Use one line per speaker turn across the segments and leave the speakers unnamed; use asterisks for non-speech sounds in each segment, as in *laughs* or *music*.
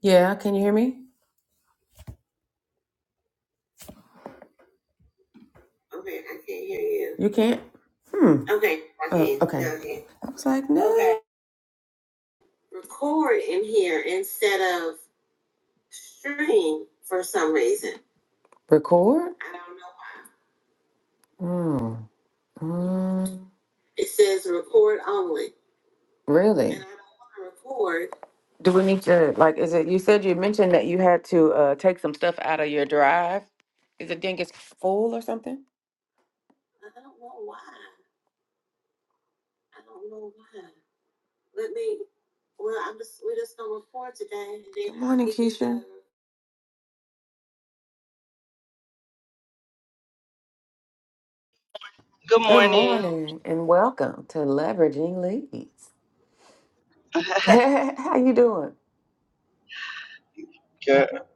Yeah, can you hear me? You can't? Hmm. Oh, okay. I was like, no. Okay. Record? Hmm. Mm, really? And I- Do we need to, like, is it, you said you mentioned that you had to uh, take some stuff out of your drive. Is it didn't get full or something? Good morning, Keisha. Good
Good
if
morning.
morning and welcome to Leveraging Leads.
*laughs*
*laughs*
Girl,
How you doing?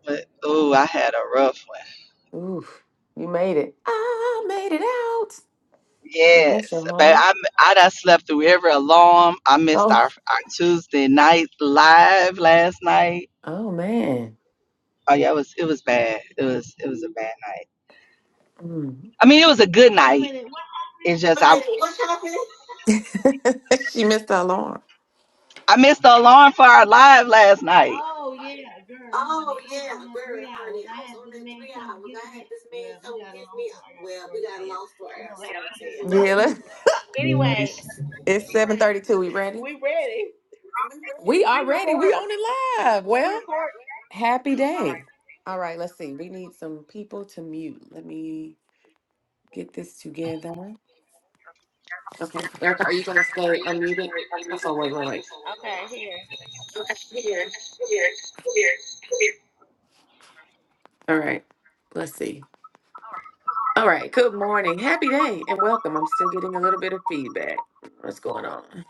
but oh, I had a rough one.
Oof, you made it. I made it out. God bless
Yes,
your
but
heart.
I I done slept through every alarm. I missed
Oh,
our, our Tuesday night live last night.
oh man.
Oh yeah, it was it was bad. It was it was a bad. Night.
Mm.
I mean, it was a good
Wait a
night.
minute, what happened?
It's just I
*laughs* she missed the alarm.
I missed the alarm for our live last night.
Oh yeah, girl, honey,
Oh
I was
yeah,
on that three
girl,
hours.
honey.
I
I was
had
on
this
that
man
three
come
hours.
get
I
me.
had this man
Well, we
come and
got a
give
long
me.
story. I got a
Well, we
story to
got a
tell.
long story.
You
I
know, it
story
had to
to
do
tell.
with
Yeah,
it.
let's,
Anyway,
it's seven thirty-two. We ready?
we ready.
We
We
are ready. We
recording.
on it live.
We
Well,
record.
happy day. All right, let's see. We need some people to mute. Let me get this together. Okay, Erica, are you gonna stay unmuted? Oh, wait, wait, wait.
Okay, here.
All right, let's see. All right, good morning, happy day, and welcome. I'm still getting a little bit of feedback. What's going on?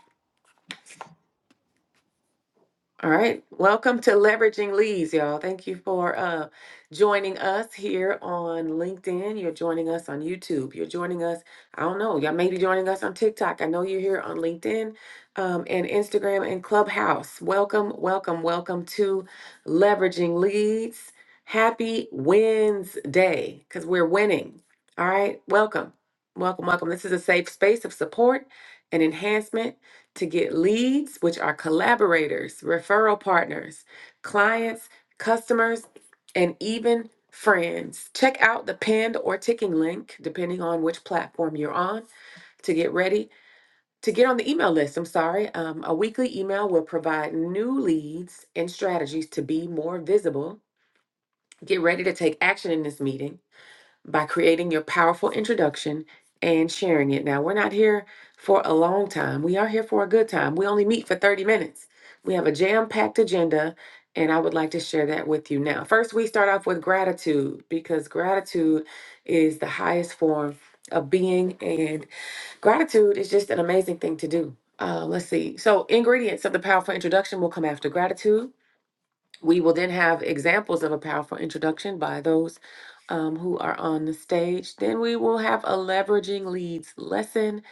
All right. Welcome to Leveraging Leads, y'all. Thank you for uh, joining us here on LinkedIn. You're joining us on YouTube. You're joining us, I don't know, y'all may be joining us on TikTok. I know you're here on LinkedIn um, and Instagram and Clubhouse. Welcome, welcome, welcome to Leveraging Leads. Happy Wednesday because we're winning. All right. Welcome, welcome, welcome. This is a safe space of support and enhancement to get leads, which are collaborators, referral partners, clients, customers, and even friends. Check out the pinned or ticking link, depending on which platform you're on, to get ready to get on the email list. I'm sorry. Um, a weekly email will provide new leads and strategies to be more visible. Get ready to take action in this meeting by creating your powerful introduction and sharing it. Now, we're not here for a long time. We are here for a good time. We only meet for 30 minutes. We have a jam packed agenda, and I would like to share that with you now. First, we start off with gratitude because gratitude is the highest form of being, and gratitude is just an amazing thing to do. Uh, let's see. So, ingredients of the powerful introduction will come after gratitude. We will then have examples of a powerful introduction by those um, who are on the stage. Then we will have a leveraging leads lesson,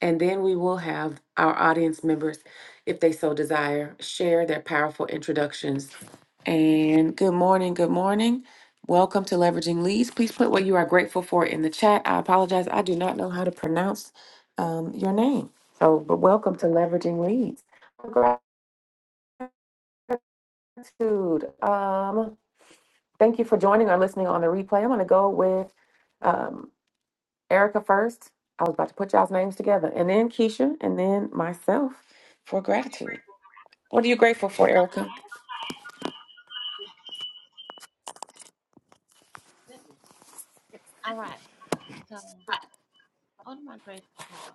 and then we will have our audience members, if they so desire, share their powerful introductions. And good morning, good morning. Welcome to Leveraging Leads. Please put what you are grateful for in the chat. I apologize, I do not know how to pronounce um, your name. So, but welcome to Leveraging Leads. Gratitude. Um, thank you for joining or listening on the replay. I'm going to go with. um, Erica first. I was about to put y'all's names together, and then Keisha, and then myself for gratitude. What are you grateful for, Erica?
Okay. Goodness. All right. So, what am I grateful for?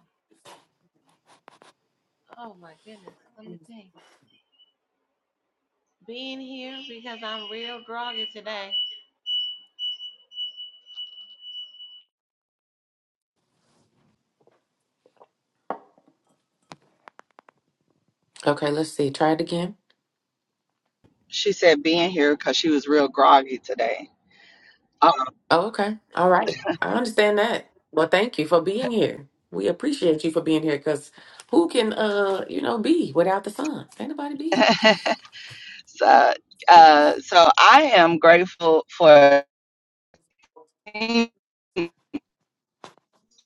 Oh my goodness. Let me think. Being here because I'm real groggy today.
Okay, let's see. Try it again.
She said being here because she was real groggy today. Uh,
Oh, okay. All right. I understand that. Well, thank you for being here. We appreciate you for being here because who can, uh, you know, be without the sun? Can't nobody be.
*laughs* so uh, so I am grateful for.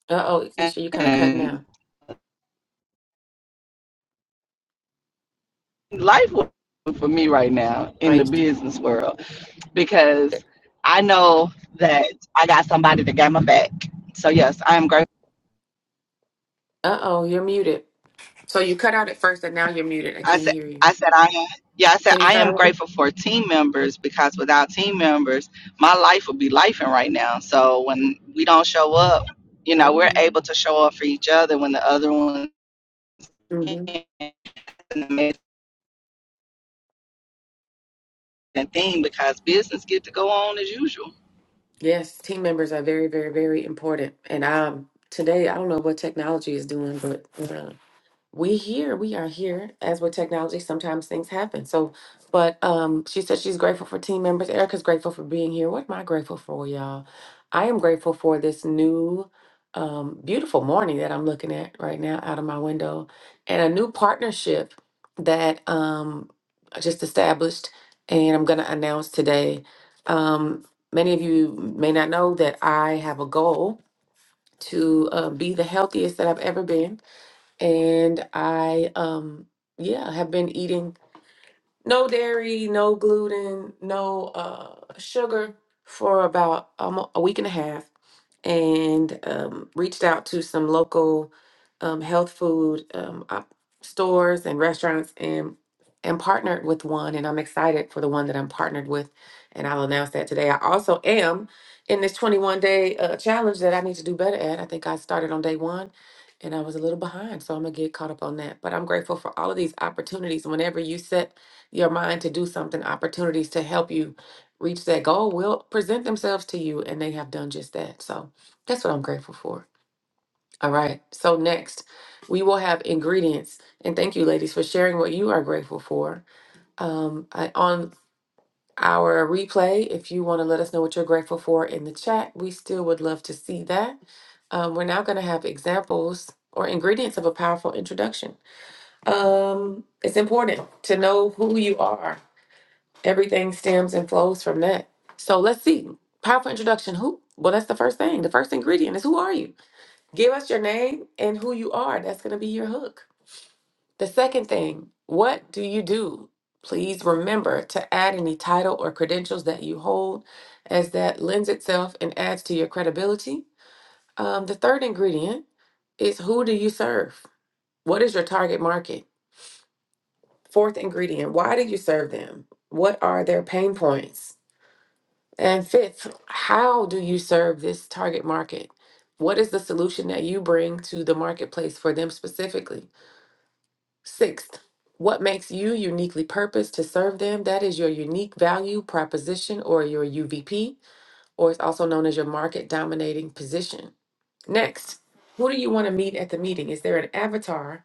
Uh oh, Keisha, you kind of cutting out.
life for me right now in the
Right.
business world because I know that I got somebody that got my back. So yes, I am grateful.
Uh oh, you're muted. So you cut out at first, and now you're muted. I
I
can't
said
hear you.
I said I am yeah, I said
Can you
I
start
am
over?
grateful for team members because without team members, my life would be lifing right now. So when we don't show up, you know, we're
Oh.
able to show up for each other when the other one can't.
mm-hmm.
It's an amazing thing because business get to go on as usual.
Yes, team members are very, very, very important. And um, today, I don't know what technology is doing, but uh, we here we are here as with technology sometimes things happen so but um she said she's grateful for team members erica's grateful for being here what am i grateful for y'all i am grateful for this new um beautiful morning that i'm looking at right now out of my window and a new partnership that um i just established and i'm going to announce today um many of you may not know that i have a goal to uh, be the healthiest that i've ever been and I um yeah, have been eating no dairy, no gluten, no uh sugar for about um, a week and a half and um, reached out to some local um, health food um, op- stores and restaurants and and partnered with one and i'm excited for the one that i'm partnered with and i'll announce that today i also am in this 21 day uh, challenge that i need to do better at i think i started on day one and i was a little behind so i'm gonna get caught up on that but i'm grateful for all of these opportunities whenever you set your mind to do something opportunities to help you reach that goal will present themselves to you and they have done just that so that's what I'm grateful for. All right. So next, we will have ingredients, and thank you, ladies, for sharing what you are grateful for. Um, I, on our replay, if you want to let us know what you're grateful for in the chat, we still would love to see that. Um, we're now going to have examples or ingredients of a powerful introduction. Um, it's important to know who you are. Everything stems and flows from that. So let's see. Powerful introduction. Who? Well, that's the first thing. The first ingredient is who are you? Give us your name and who you are. That's going to be your hook. The second thing, what do you do? Please remember to add any title or credentials that you hold, as that lends itself and adds to your credibility. Um, the third ingredient is who do you serve? What is your target market? Fourth ingredient, why do you serve them? What are their pain points? And fifth, how do you serve this target market? What is the solution that you bring to the marketplace for them specifically? Sixth, what makes you uniquely purposed to serve them? That is your unique value proposition or your UVP, or it's also known as your market dominating position. Next, who do you want to meet at the meeting? Is there an avatar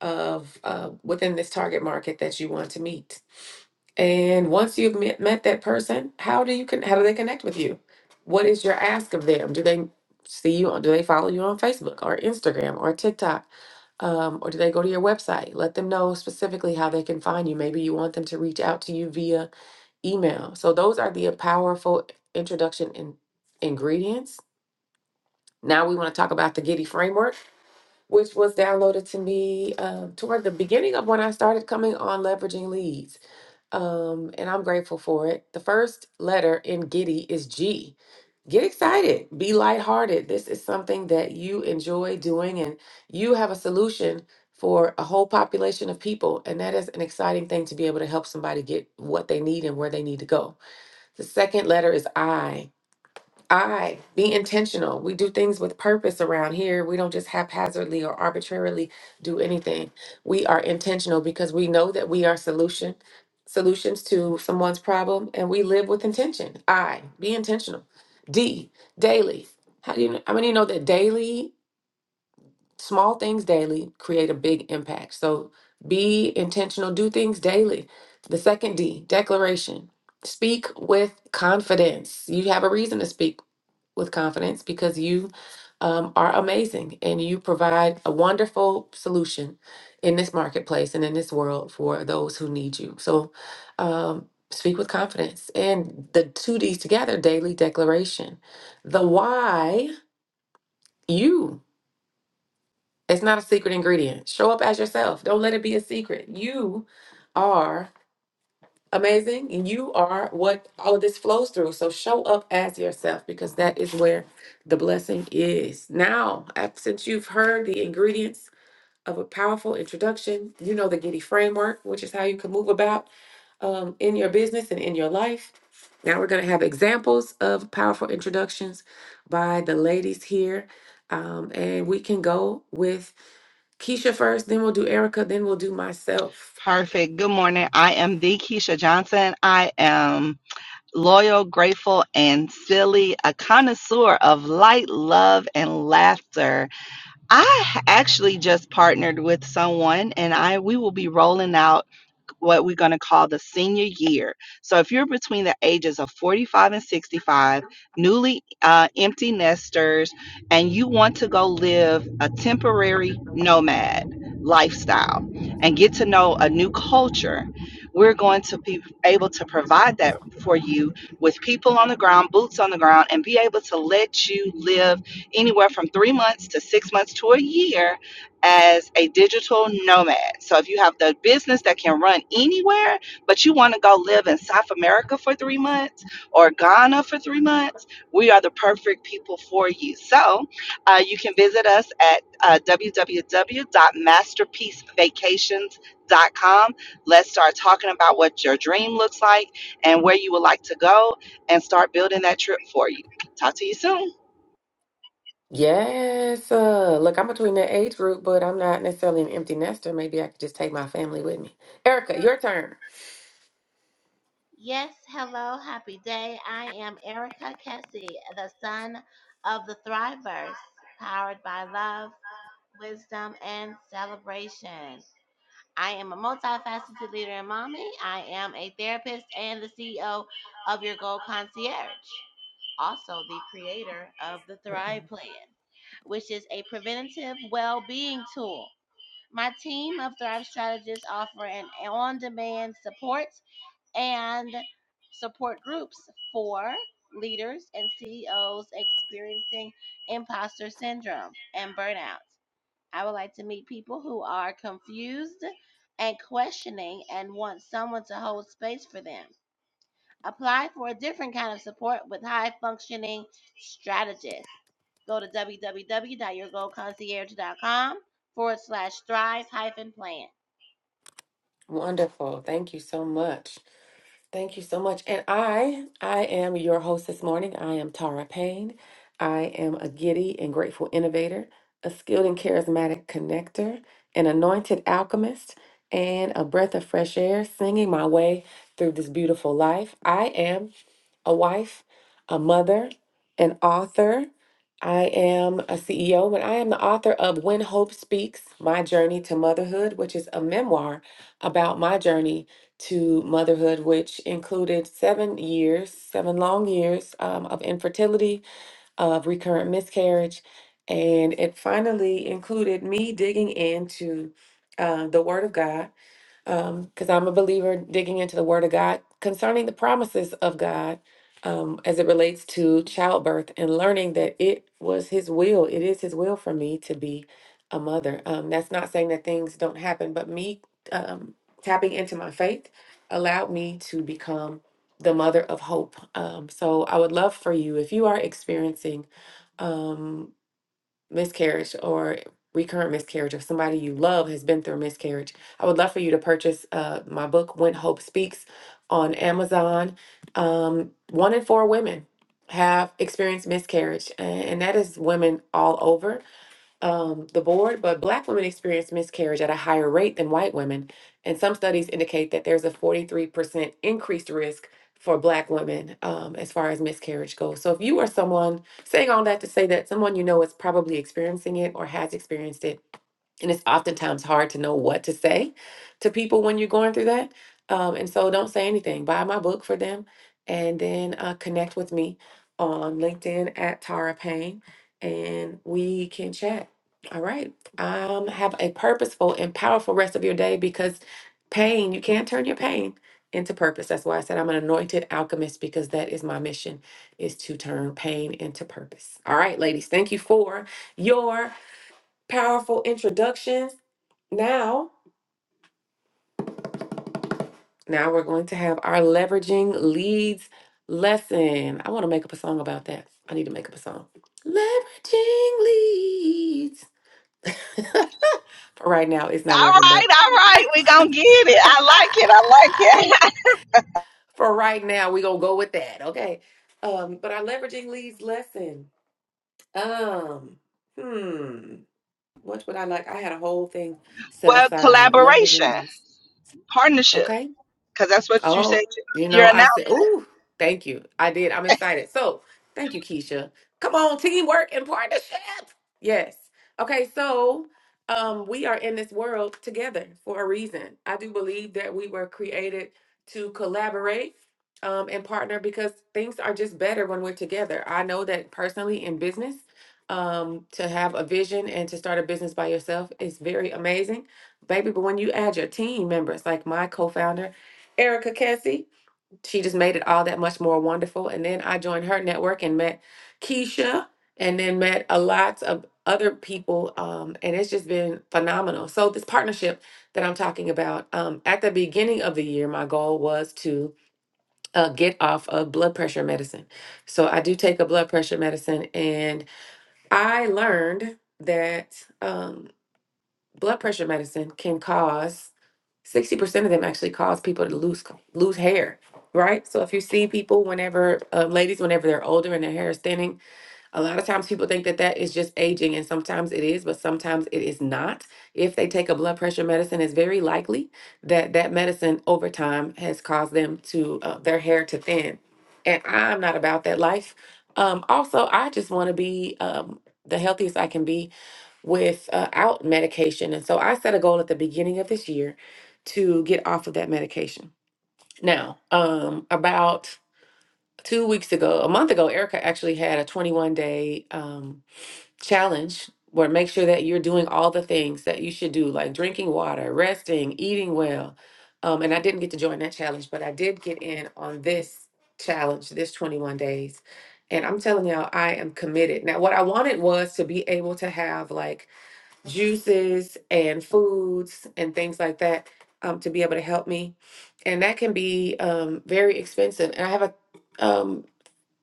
of uh, within this target market that you want to meet? And once you've met, met that person, how do you con- how do they connect with you? What is your ask of them? Do they see you? on Do they follow you on Facebook or Instagram or TikTok? Um, or do they go to your website? Let them know specifically how they can find you. Maybe you want them to reach out to you via email. So those are the powerful introduction in- ingredients. Now we want to talk about the Giddy framework, which was downloaded to me um, toward the beginning of when I started coming on leveraging leads um, and I'm grateful for it. The first letter in Giddy is G. Get excited, be lighthearted. This is something that you enjoy doing, and you have a solution for a whole population of people. And that is an exciting thing to be able to help somebody get what they need and where they need to go. The second letter is I. I be intentional. We do things with purpose around here. We don't just haphazardly or arbitrarily do anything. We are intentional because we know that we are solution solutions to someone's problem and we live with intention. I be intentional. D daily. How do you know, how many know that daily small things daily create a big impact. So be intentional, do things daily. The second D, declaration. Speak with confidence. You have a reason to speak with confidence because you um, are amazing and you provide a wonderful solution in this marketplace and in this world for those who need you. So um, speak with confidence. And the two D's together daily declaration. The why, you. It's not a secret ingredient. Show up as yourself. Don't let it be a secret. You are amazing and you are what all of this flows through so show up as yourself because that is where the blessing is now af- since you've heard the ingredients of a powerful introduction you know the giddy framework which is how you can move about um, in your business and in your life now we're going to have examples of powerful introductions by the ladies here um, and we can go with keisha first then we'll do erica then we'll do myself
Perfect. Good morning. I am the Keisha Johnson. I am loyal, grateful, and silly, a connoisseur of light, love, and laughter. I actually just partnered with someone and I we will be rolling out what we're going to call the senior year. So if you're between the ages of 45 and 65, newly uh, empty nesters, and you want to go live a temporary nomad lifestyle and get to know a new culture, we're going to be able to provide that for you with people on the ground, boots on the ground, and be able to let you live anywhere from three months to six months to a year as a digital nomad. So if you have the business that can run anywhere, but you want to go live in South America for three months or Ghana for three months, we are the perfect people for you. So uh, you can visit us at uh, www.masterpiecevacations.com. Let's start talking about what your dream looks like and where you would like to go and start building that trip for you. Talk to you soon.
Yes. Uh, look, I'm between that age group, but I'm not necessarily an empty nester. Maybe I could just take my family with me. Erica, your turn.
Yes, hello, happy day. I am Erica Kessie, the son of the Thrivers, powered by love, wisdom, and celebration. I am a multifaceted leader and mommy. I am a therapist and the CEO of Your Gold Concierge, also the creator of the Thrive Plan, which is a preventative well being tool. My team of Thrive Strategists offer an on demand support and support groups for leaders and CEOs experiencing imposter syndrome and burnout. I would like to meet people who are confused and questioning and want someone to hold space for them. Apply for a different kind of support with high functioning strategists. Go to www.yourgoalconcierge.com forward slash thrive hyphen plan.
Wonderful. Thank you so much. Thank you so much. And I, I am your host this morning. I am Tara Payne. I am a giddy and grateful innovator, a skilled and charismatic connector, an anointed alchemist, and a breath of fresh air singing my way through this beautiful life. I am a wife, a mother, an author. I am a CEO, but I am the author of When Hope Speaks My Journey to Motherhood, which is a memoir about my journey to motherhood, which included seven years, seven long years um, of infertility, of recurrent miscarriage. And it finally included me digging into uh, the Word of God um, because I'm a believer digging into the Word of God concerning the promises of God um, as it relates to childbirth and learning that it was His will. It is His will for me to be a mother. Um, that's not saying that things don't happen, but me um, tapping into my faith allowed me to become the mother of hope. Um, so I would love for you, if you are experiencing um, miscarriage or recurrent miscarriage or somebody you love has been through a miscarriage, I would love for you to purchase uh, my book, When Hope Speaks, on Amazon. Um, one in four women have experienced miscarriage, a- and that is women all over um, the board, but Black women experience miscarriage at a higher rate than white women. And some studies indicate that there's a 43% increased risk for Black women um, as far as miscarriage goes. So if you are someone, saying all that to say that someone you know is probably experiencing it or has experienced it, and it's oftentimes hard to know what to say to people when you're going through that. Um, and so don't say anything. Buy my book for them and then uh, connect with me on LinkedIn at Tara Payne and we can chat. All right. Um, have a purposeful and powerful rest of your day because pain, you can't turn your pain into purpose. That's why I said I'm an anointed alchemist because that is my mission is to turn pain into purpose. All right, ladies, thank you for your powerful introductions. Now, now we're going to have our leveraging leads lesson. I want to make up a song about that. I need to make up a song. Leveraging leads. *laughs* For right now, it's not
All
working,
right,
but
all right. We're going to get it. I like it. I like it. *laughs*
*laughs* for right now, we're gonna go with that. Okay. Um, but our leveraging leads lesson. Um, hmm. What would I like? I had a whole thing set
Well,
aside.
collaboration,
Leveraging leads.
partnership,
Okay.
because that's what you
Oh,
said you-
you know,
you're
I
announcing.
said, "Ooh, thank you." I did. I'm excited. So, thank you, Keisha. Come on, teamwork and partnership. Yes. Okay, so um we are in this world together for a reason. I do believe that we were created to collaborate um and partner because things are just better when we're together. I know that personally in business, um to have a vision and to start a business by yourself is very amazing, baby, but when you add your team members like my co-founder Erica Cassie. She just made it all that much more wonderful. And then I joined her network and met Keisha and then met a lot of other people. Um, and it's just been phenomenal. So, this partnership that I'm talking about, um, at the beginning of the year, my goal was to uh, get off of blood pressure medicine. So, I do take a blood pressure medicine, and I learned that um, blood pressure medicine can cause sixty percent of them actually cause people to lose co- lose hair, right? So if you see people whenever uh, ladies whenever they're older and their hair is thinning, a lot of times people think that that is just aging, and sometimes it is, but sometimes it is not. If they take a blood pressure medicine, it's very likely that that medicine over time has caused them to uh, their hair to thin, and I'm not about that life. Um, also, I just want to be um, the healthiest I can be without medication. And so I set a goal at the beginning of this year to get off of that medication. Now, um, about two weeks ago, a month ago, Erica actually had a 21 day um, challenge where make sure that you're doing all the things that you should do, like drinking water, resting, eating well. Um, and I didn't get to join that challenge, but I did get in on this challenge, this 21 days. And I'm telling y'all, I am committed. Now, what I wanted was to be able to have like juices and foods and things like that um, to be able to help me. And that can be um, very expensive. And I have a, um,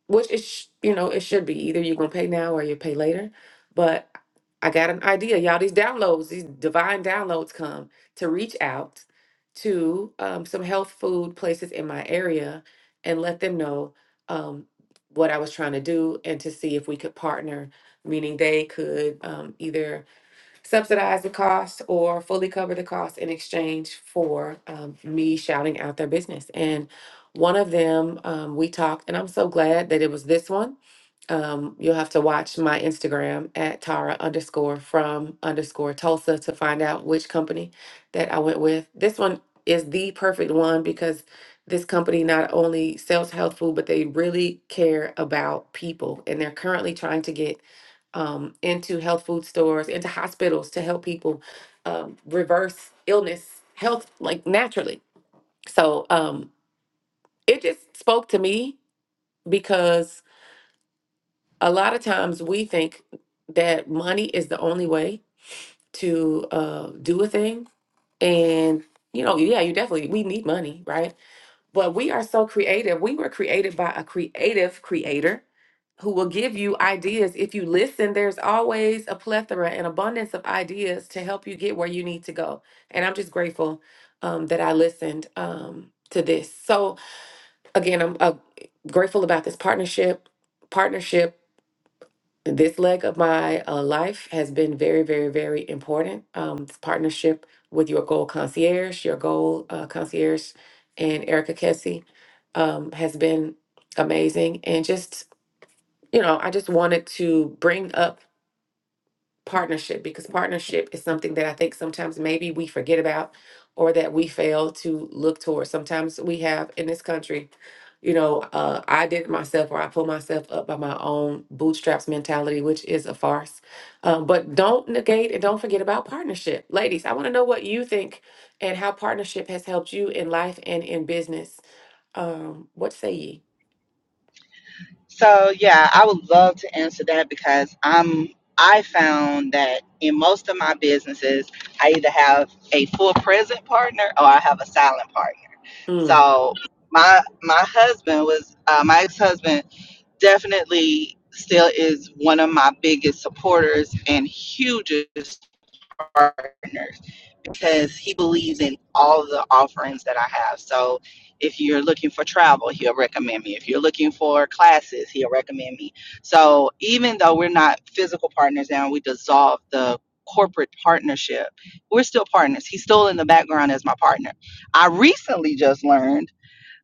which is, sh- you know, it should be either you're going to pay now or you pay later. But I got an idea. Y'all, these downloads, these divine downloads come to reach out to um, some health food places in my area and let them know um, what I was trying to do and to see if we could partner, meaning they could um, either subsidize the cost or fully cover the cost in exchange for um, me shouting out their business. And one of them, um, we talked, and I'm so glad that it was this one. Um, you'll have to watch my Instagram at Tara underscore from underscore Tulsa to find out which company that I went with. This one is the perfect one because this company not only sells health food, but they really care about people. And they're currently trying to get um, into health food stores, into hospitals to help people um, reverse illness, health like naturally. So um, it just spoke to me because a lot of times we think that money is the only way to uh, do a thing, and you know, yeah, you definitely we need money, right? But we are so creative. We were created by a creative creator who will give you ideas. If you listen, there's always a plethora and abundance of ideas to help you get where you need to go. And I'm just grateful um, that I listened um, to this. So, again, I'm uh, grateful about this partnership. Partnership this leg of my uh, life has been very, very, very important. Um, this partnership with your goal concierge, your goal uh, concierge, and Erica Kessie um, has been amazing. And just, you know, I just wanted to bring up partnership because partnership is something that I think sometimes maybe we forget about or that we fail to look towards. Sometimes we have in this country, you know, uh, I did it myself or I pull myself up by my own bootstraps mentality, which is a farce. Um, but don't negate and don't forget about partnership. Ladies, I want to know what you think and how partnership has helped you in life and in business. Um, what say ye?
So yeah, I would love to answer that because I'm I found that in most of my businesses, I either have a full present partner or I have a silent partner.
Mm.
So my my husband was uh, my ex husband definitely still is one of my biggest supporters and hugest partners. because he believes in all the offerings that I have. So if you're looking for travel, he'll recommend me. If you're looking for classes, he'll recommend me. So even though we're not physical partners now, we dissolved the corporate partnership, we're still partners. He's still in the background as my partner. I recently just learned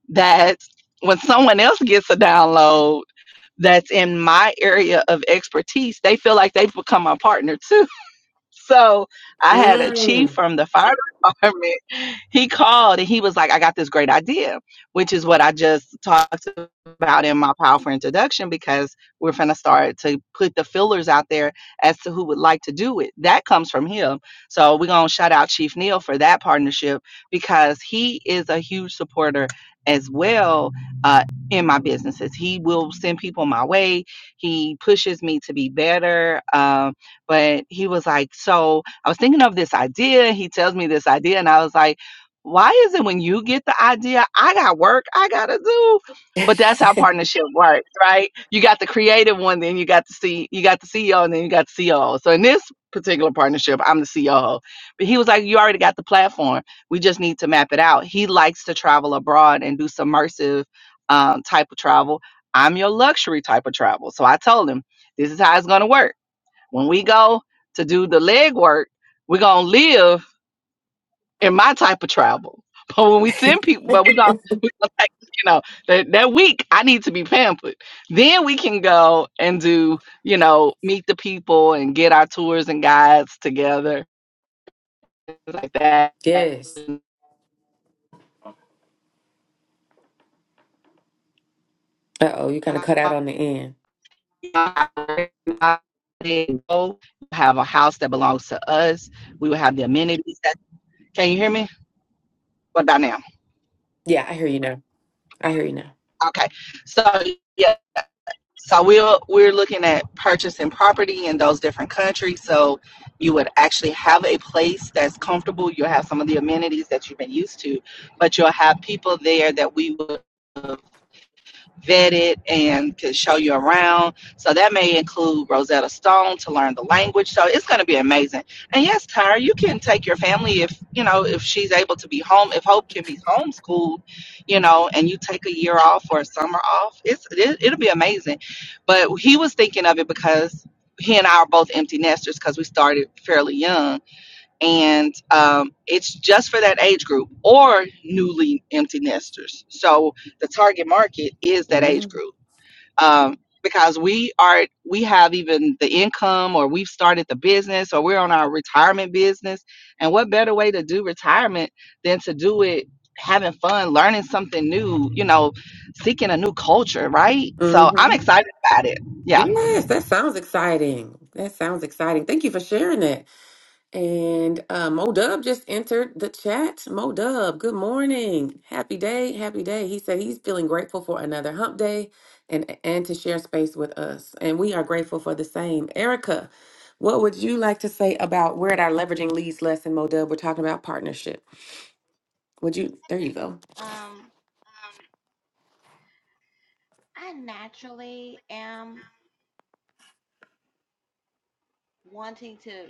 that when someone else gets a download that's in my area of expertise, they feel like they've become my partner too so I had a chief
Mm.
from the fire *laughs* department. He called and he was like, I got this great idea, which is what I just talked about in my powerful introduction because we're going to start to put the fillers out there as to who would like to do it. That comes from him. So we're going to shout out Chief Neil for that partnership because he is a huge supporter as well uh, in my businesses. He will send people my way, he pushes me to be better. Um, but he was like, So I was thinking of this idea. He tells me this idea. And I was like, Why is it when you get the idea, I got work I got to do?
*laughs*
But that's how partnership works, right? You got the creative one, then you got the C, you got the CEO, and then you got the CEO. So in this particular partnership, I'm the CEO. But he was like, "You already got the platform. We just need to map it out." He likes to travel abroad and do submersive um, type of travel. I'm your luxury type of travel. So I told him, "This is how it's going to work." When we go to do the leg work, we're gonna live in my type of travel. *laughs* But when we send people, but we gonna, we gonna take, you know, that, that week I need to be pampered. Then we can go and do, you know, meet the people and get our tours and guides together, things like that.
Yes. Uh oh, you kind of cut out on the end.
*laughs* Have a house that belongs to us. We will have the amenities that. Can you hear me? What about now?
Yeah, I hear you now. I hear you now.
Okay. So yeah. So we're we're looking at purchasing property in those different countries. So you would actually have a place that's comfortable. You'll have some of the amenities that you've been used to, but you'll have people there that we would vetted and can show you around. So that may include Rosetta Stone to learn the language. So it's going to be amazing. And yes, Tyra, you can take your family if, you know, if she's able to be home, if Hope can be homeschooled, you know, and you take a year off or a summer off, it's, it, it'll be amazing. But he was thinking of it because he and I are both empty nesters because we started fairly young and um, it's just for that age group or newly empty nesters. So the target market is that age
Mm-hmm.
group um, because we are we have even the income or we've started the business or we're on our retirement business. And what better way to do retirement than to do it having fun, learning something new, you know, seeking a new culture, right? So I'm
hmm
excited about it. Yeah.
Yes, that sounds exciting. That sounds exciting. Thank you for sharing that. And uh, Mo Dub just entered the chat. Mo Dub, good morning. Happy day. Happy day. He said he's feeling grateful for another hump day and, and to share space with us. And we are grateful for the same. Erica, what would you like to say about we're at our leveraging leads lesson, Mo Dub? We're talking about partnership. Would you? There you go.
Um, I naturally am wanting to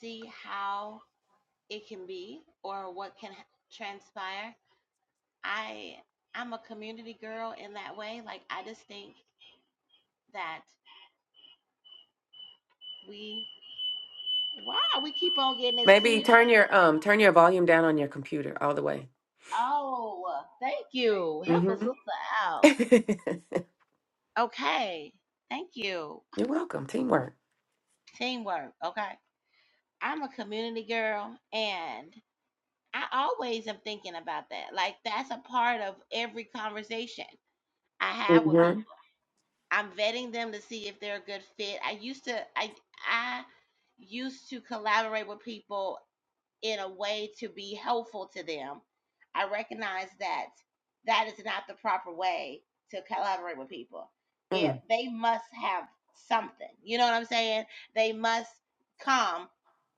see how it can be or what can ha- transpire. I I'm a community girl in that way. Like I just think that we wow, we keep on getting this
Maybe
feedback.
turn your um turn your volume down on your computer all the way.
Oh, thank you. Help us
Mm-hmm.
sister out.
*laughs*
Okay. Thank you.
You're welcome. Teamwork.
Teamwork. Okay. I'm a community girl and I always am thinking about that. Like that's a part of every conversation I have with people
Mm-hmm.
I'm vetting them to see if they're a good fit. I used to I I used to collaborate with people in a way to be helpful to them. I recognize that that is not the proper way to collaborate with people. If
Mm.
they must have something, you know what I'm saying? They must come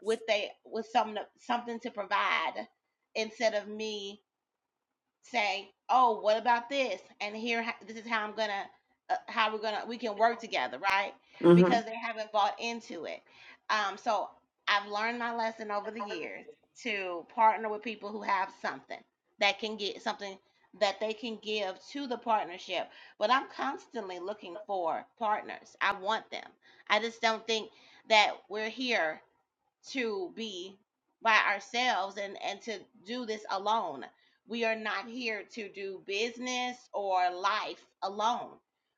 with they with some something to provide instead of me say, "Oh, what about this?" And here, ho- this is how I'm gonna, uh, how we're gonna, we can work together, right? Because
Mm-hmm.
they haven't bought into it. Um, so I've learned my lesson over the years to partner with people who have something that can get something that they can give to the partnership. But I'm constantly looking for partners. I want them. I just don't think that we're here to be by ourselves and and to do this alone. We are not here to do business or life alone.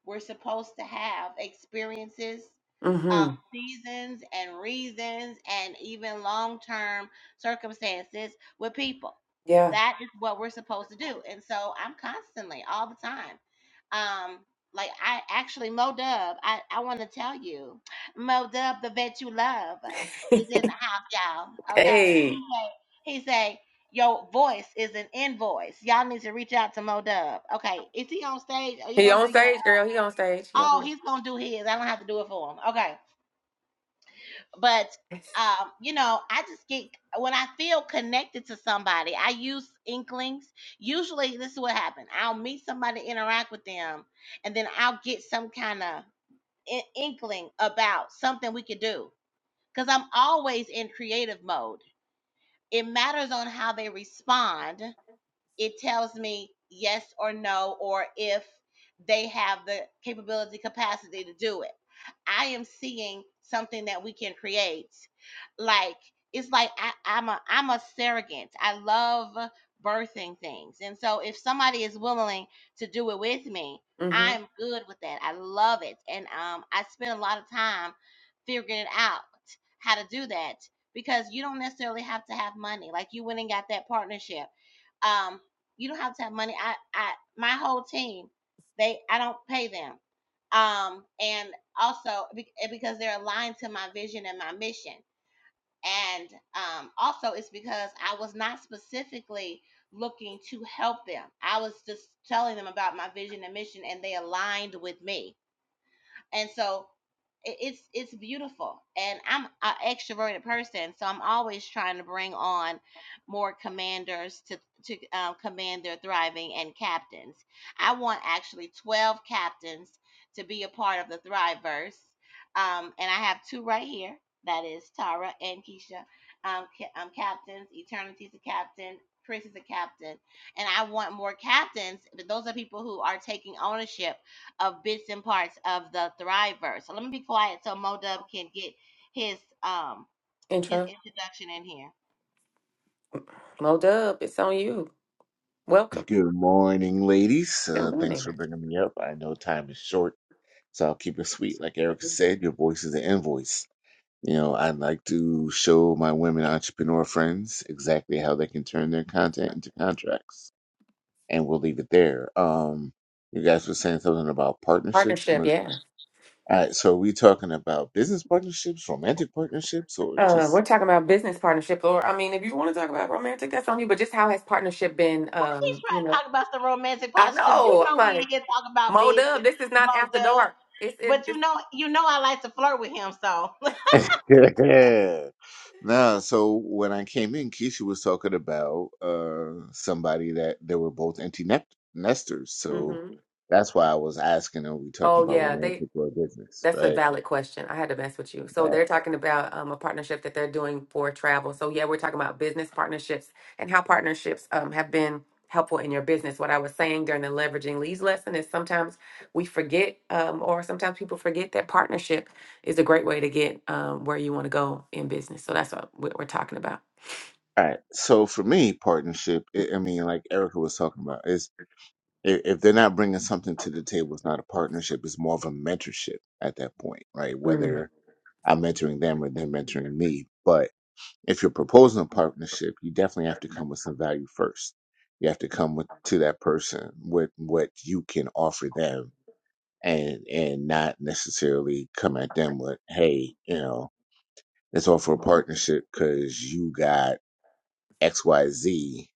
We're supposed to have experiences, uh,
Mm-hmm.
seasons, and reasons, and even long term circumstances with people.
Yeah.
That is what we're supposed to do. And so I'm constantly, all the time. Um, like I actually Mo Dub, I, I want to tell you, Mo Dub, the vet you love is in the house, y'all. Okay.
Hey.
He say, he say, your voice is an invoice. Y'all need to reach out to Mo Dub. Okay. Is he on stage? Are you
He
gonna do
on
your
stage, girl. He on stage. He over
oh he's gonna do his. I don't have to do it for him. Okay. But
here.
um, you know, I just get when I feel connected to somebody, I use inklings. Usually this is what happens. I'll meet somebody, interact with them, and then I'll get some kind of in- inkling about something we could do. Cause I'm always in creative mode. It matters on how they respond it tells me yes or no or if they have the capability capacity to do it i am seeing something that we can create like it's like I, i'm a i'm a surrogate i love birthing things and so if somebody is willing to do it with me
Mm-hmm.
i'm good with that i love it and um i spend a lot of time figuring it out how to do that because you don't necessarily have to have money like you went and got that partnership um, you don't have to have money. I, I, my whole team, they, I don't pay them. Um, and also because they're aligned to my vision and my mission. And um, also, it's because I was not specifically looking to help them. I was just telling them about my vision and mission, and they aligned with me and so it- it's it's beautiful and i'm an extroverted person so i'm always trying to bring on more commanders to to um, command their thriving and captains i want actually 12 captains to be a part of the thriveverse um, and i have two right here that is tara and keisha um, ca- um, captains eternity's a captain chris is a captain and i want more captains but those are people who are taking ownership of bits and parts of the Thriver. So let me be quiet so Mo Dub can get his um his
Intro.
introduction in here.
Mo dub. It's on you. Welcome.
Good morning, ladies.
Good
Uh, thanks
morning.
for bringing me up. I know time is short, so I'll keep it sweet. Like Erica said, your voice is an invoice. You know, I'd like to show my women entrepreneur friends exactly how they can turn their content into contracts, and we'll leave it there. Um, you guys were saying something about partnership.
Partnership,
All
yeah.
right, so are we talking about business partnerships, romantic partnerships, or
Uh,
just
we're talking about business partnership, or I mean, if you want to talk about romantic, that's on you. But just how has partnership been?
He's
Um,
trying
you
to
know,
talk about some romantic
I
positive. You
know. I'm
know we in
like,
here talking about
Mo
business,
Dub, this is not
Mo
after
Dub.
dark. It's it.
But you
This,
know you know I like to flirt with him, so
*laughs* Nah, so when I came in, Keisha was talking about uh somebody that they were both empty net nesters. So
hmm
that's why I was asking, are we talking
Oh
about
yeah, they
romantic or business?
That's a
Right,
valid question. I had to mess with you. So
right,
they're talking about um, a partnership that they're doing for travel. So yeah, we're talking about business partnerships and how partnerships um, have been helpful in your business. What I was saying during the leveraging leads lesson is sometimes we forget, um, or sometimes people forget that partnership is a great way to get um, where you want to go in business. So that's what we- we're talking about.
all right. So for me, partnership, I I mean, like Erica was talking about, is if, if they're not bringing something to the table, it's not a partnership. It's more of a mentorship at that point, right?
Mm,
Whether I'm mentoring them or they're mentoring me, but. if you're proposing a partnership, you definitely have to come with some value first. You have to come with to that person with what you can offer them and and not necessarily come at them with, hey, you know, let's offer a partnership because you got XYZ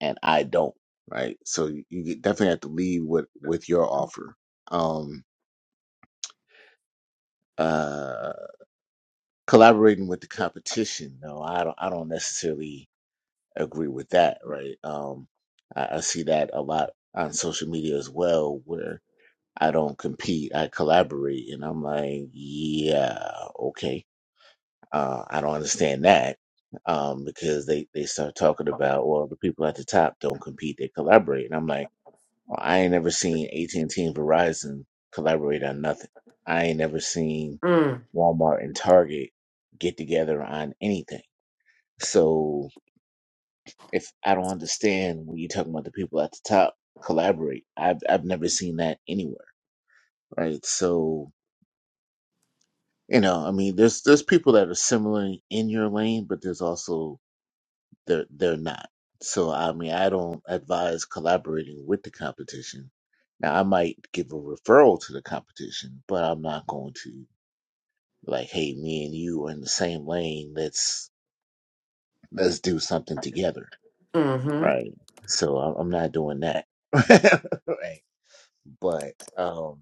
and I don't, right? So you you definitely have to lead with with your offer. Um uh collaborating with the competition, no, I don't I don't necessarily agree with that, right? Um, I, I see that a lot on social media as well, where I don't compete, I collaborate, and I'm like, yeah, okay, uh, I don't understand that um, because they they start talking about well, the people at the top don't compete, they collaborate, and I'm like, well, I ain't never seen AT and T and Verizon collaborate on nothing. I ain't never seen Walmart and Target get together on anything. So if I don't understand when you're talking about the people at the top collaborate, I've I've never seen that anywhere, right? So you know, I mean, there's there's people that are similarly in your lane, but there's also they're they're not. So I mean, I don't advise collaborating with the competition. Now I might give a referral to the competition, but I'm not going to like, hey, me and you are in the same lane. Let's let's do something together,
mm,
right? So I'm I'm not doing that. *laughs* right. But um,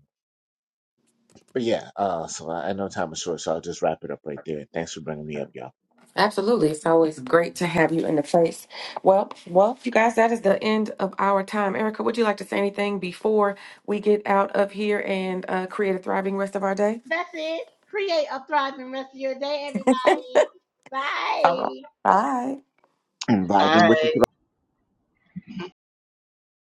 but yeah. Uh, so I, I know time is short, so I'll just wrap it up right there. Thanks for bringing me up, y'all.
Absolutely. It's always great to have you in the place. Well, well, you guys, that is the end of our time. Erica, would you like to say anything before we get out of here and uh, create a thriving rest of our day?
*laughs* that's it. Create a thriving rest of your day,
*laughs*
everybody.
All right.
Bye.
Bye.
I'm vibing with
Bye.
the